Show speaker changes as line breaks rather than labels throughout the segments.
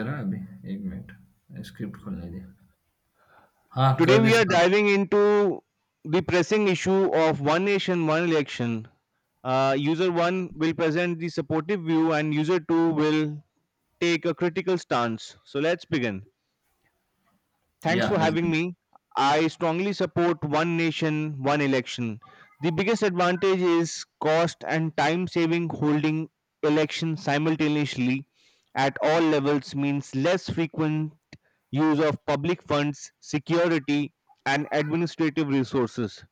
जरा अभी एक मिनट स्क्रिप्ट खोलने दे हाँ
Today
कर दे
we are
start
diving into the pressing issue of one nation, one election. User one will present the supportive view, and user two will take a critical stance. So let's begin. Thanks
yeah
for
let's
having
do
me. I strongly support one nation, one election. The biggest advantage is cost and time saving. Holding elections simultaneously at all levels means less frequent use of public funds, security, and administrative resources.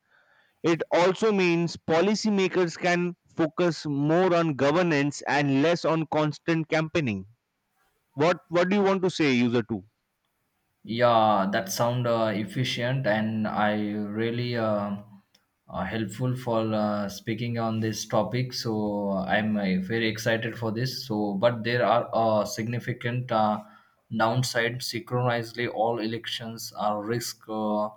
It also means policymakers can focus more on governance and less on constant campaigning. What do you want to say, user two?
Yeah, that sound efficient, and I really helpful for speaking on this topic. So I'm very excited for this. So, but there are significant downside. Synchronously, all elections are risk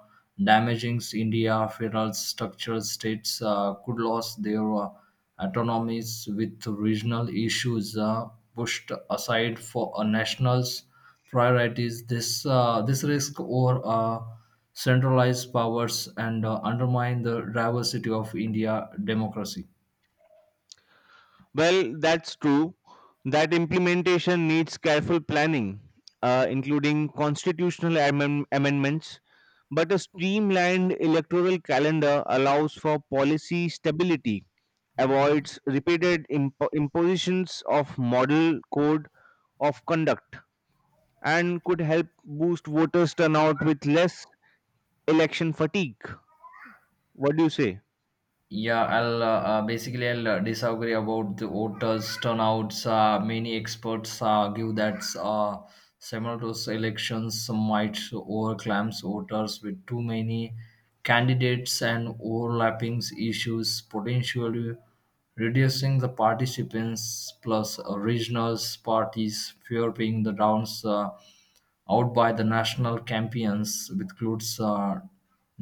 damaging India federal structural states could lose their. Autonomies with regional issues pushed aside for a national's priorities. This risk or centralized powers and undermine the diversity of India democracy.
Well, that's true. That implementation needs careful planning, including constitutional amendments. But a streamlined electoral calendar allows for policy stability, avoids repeated impositions of model code of conduct, and could help boost voters turnout with less election fatigue. What do you say?
Yeah, I'll basically I'll disagree about the voters' turnouts. Many experts argue that simultaneous elections might overclaim voters with too many candidates and overlapping issues, potentially reducing the participants. Plus, regional parties fear being the rounds out by the national campaigns, which includes.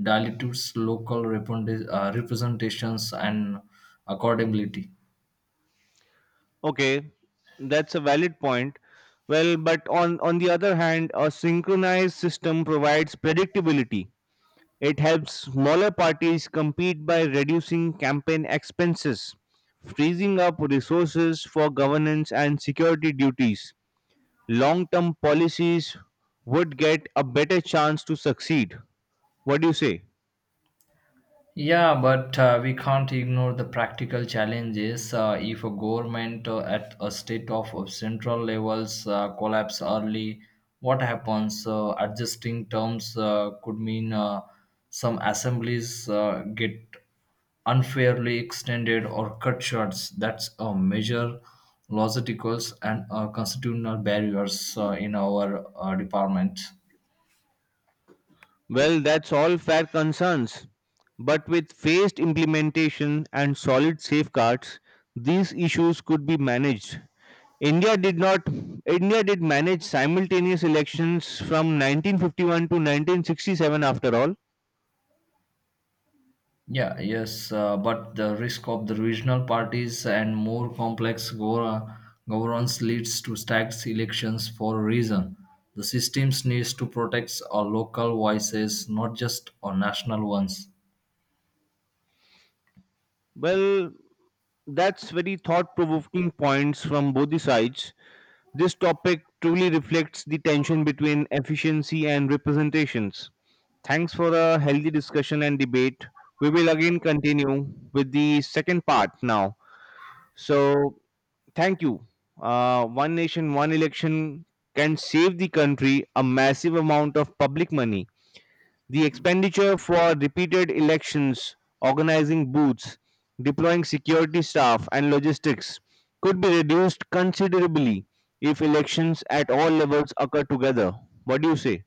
Dilutes local representations and accountability.
Okay, that's a valid point. Well, but on the other hand, a synchronized system provides predictability. It helps smaller parties compete by reducing campaign expenses, freezing up resources for governance and security duties. Long term policies would get a better chance to succeed. What do you say?
Yeah, but we can't ignore the practical challenges. If a government at a state of central levels collapse early, what happens? Adjusting terms could mean some assemblies get unfairly extended or cut short. That's a major logistical and constitutional barriers in our department.
Well, that's all fair concerns. But with phased implementation and solid safeguards, these issues could be managed. India did not India did manage simultaneous elections from 1951 to 1967 after all.
Yeah, yes, but the risk of the regional parties and more complex governance leads to stacked elections for a reason. The systems needs to protect our local voices, not just our national ones.
Well, that's very thought provoking points from both the sides. This topic truly reflects the tension between efficiency and representations. Thanks for a healthy discussion and debate. We will again continue with the second part now. So, thank you. One nation, one election can save the country a massive amount of public money. The expenditure for repeated elections, organizing booths, deploying security staff, and logistics could be reduced considerably if elections at all levels occur together. What do you say?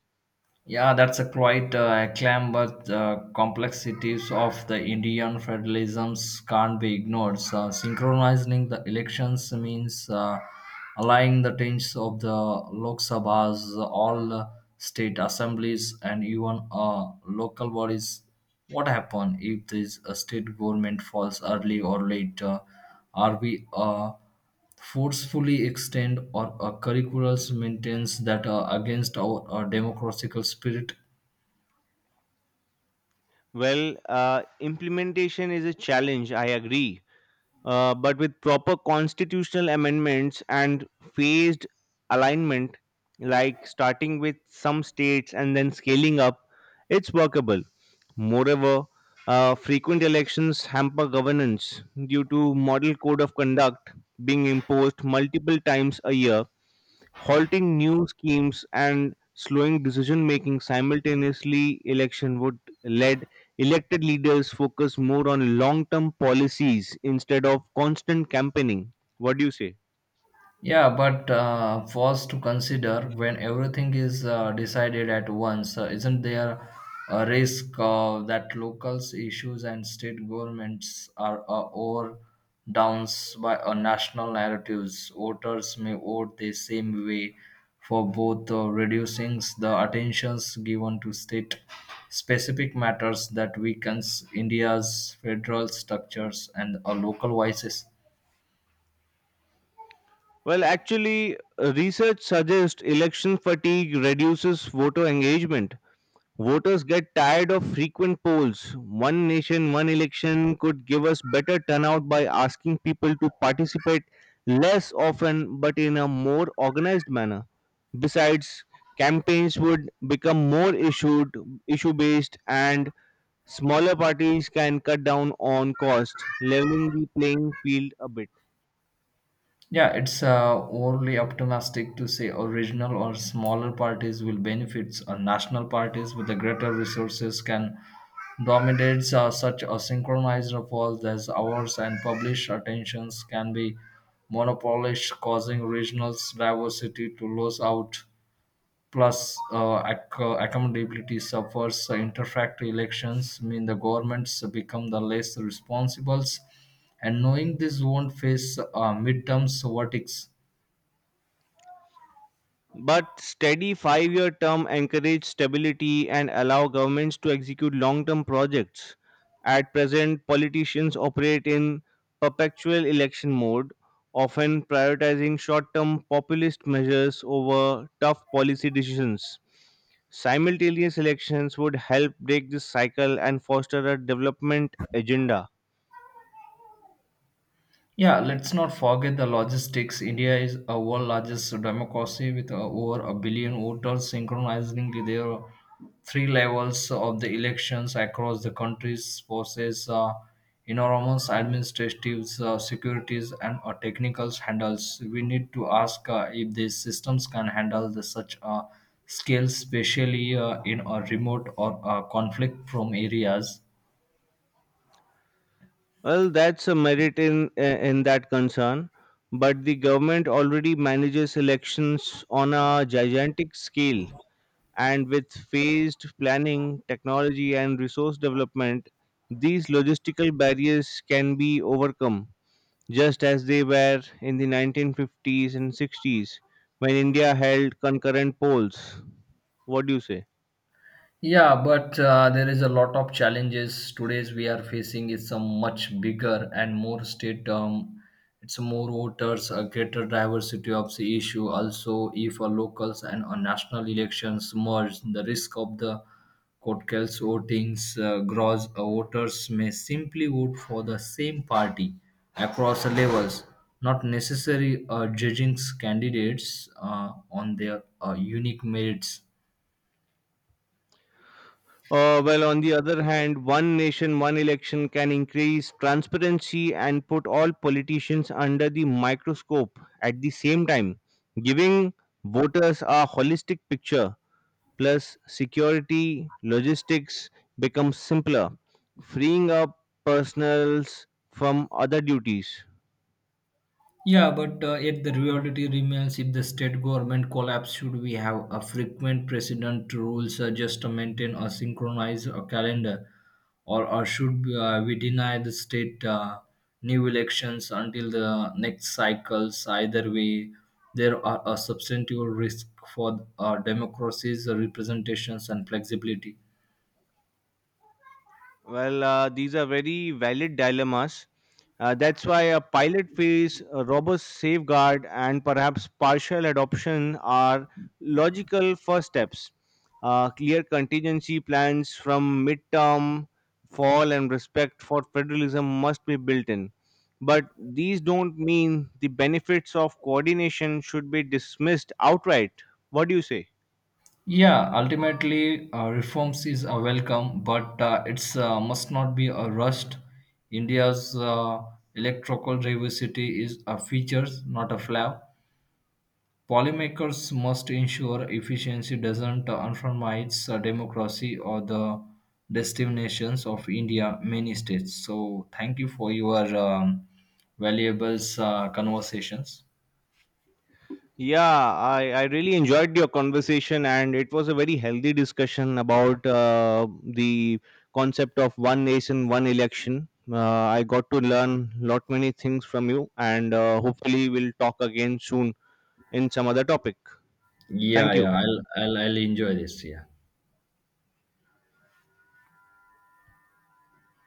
Yeah, that's a quite acclaim, but the complexities of the Indian federalisms can't be ignored. So, synchronizing the elections means aligning the changes of the Lok Sabhas, all state assemblies, and even local bodies. What happen if this state government falls early or late? Are we forcefully extend or curriculums maintains that are against our democratical spirit.
Well, implementation is a challenge, I agree. But with proper constitutional amendments and phased alignment, like starting with some states and then scaling up, it's workable. Moreover, frequent elections hamper governance due to model code of conduct being imposed multiple times a year, halting new schemes and slowing decision making simultaneously. Election would lead elected leaders focus more on long term policies instead of constant campaigning. What do you say?
Yeah, but first to consider when everything is decided at once, isn't there a risk that locals' issues and state governments are or downs by national narratives? Voters may vote the same way for both, reducing the attentions given to state-specific matters that weakens India's federal structures and local voices.
Well, actually, research suggests election fatigue reduces voter engagement. Voters get tired of frequent polls. One nation, one election could give us better turnout by asking people to participate less often but in a more organized manner. Besides, campaigns would become issue based, and smaller parties can cut down on cost, leveling the playing field a bit.
Yeah, it's overly optimistic to say original or smaller parties will benefit, or national parties with the greater resources can dominate such a synchronized polls as ours, and published attentions can be monopolized, causing regional diversity to lose out. Plus, accountability suffers. Interfactory elections mean the governments become the less responsible. And knowing this won't face midterms verdicts.
But steady five-year term encourage stability and allow governments to execute long-term projects. At present, politicians operate in perpetual election mode, often prioritizing short-term populist measures over tough policy decisions. Simultaneous elections would help break this cycle and foster a development agenda.
Yeah, let's not forget the logistics. India is a world largest democracy with over a billion voters synchronizing their three levels of the elections across the countries process enormous administrative securities and technical handles. We need to ask if these systems can handle the such a scale, especially in a remote or conflict-prone areas.
Well, that's a merit in in that concern, but the government already manages elections on a gigantic scale, and with phased planning, technology, and resource development, these logistical barriers can be overcome, just as they were in the 1950s and 60s when India held concurrent polls. What do you say?
Yeah, but there is a lot of challenges today's we are facing. It's a much bigger and more state it's more voters, a greater diversity of the issue. Also, if a locals and a national elections merge, the risk of the court case votings grows. Voters may simply vote for the same party across the levels, not necessarily judging candidates on their unique merits.
Well, on the other hand, one nation, one election can increase transparency and put all politicians under the microscope at the same time, giving voters a holistic picture. Plus, security, logistics become simpler, freeing up personals from other duties.
Yeah, but yet the reality remains if the state government collapse, should we have a frequent president rules just to maintain or synchronize a calendar, or should we deny the state new elections until the next cycles? Either way, there are a substantial risk for our democracies, representations, and flexibility.
Well, these are very valid dilemmas. That's why a pilot phase, a robust safeguard, and perhaps partial adoption are logical first steps. Clear contingency plans from midterm, fall, and respect for federalism must be built in. But these don't mean the benefits of coordination should be dismissed outright. What do you say?
Yeah, ultimately, reforms is a welcome, but it's must not be a rushed. India's electrical diversity is a feature, not a flaw. Policymakers must ensure efficiency doesn't undermine democracy or the destinations of India, many states. So, thank you for your valuable conversations.
Yeah, I really enjoyed your conversation, and it was a very healthy discussion about the concept of one nation, one election. I got to learn lot many things from you, and hopefully, we'll talk again soon in some other topic.
Yeah,
Thank you.
yeah, I'll enjoy this. Yeah.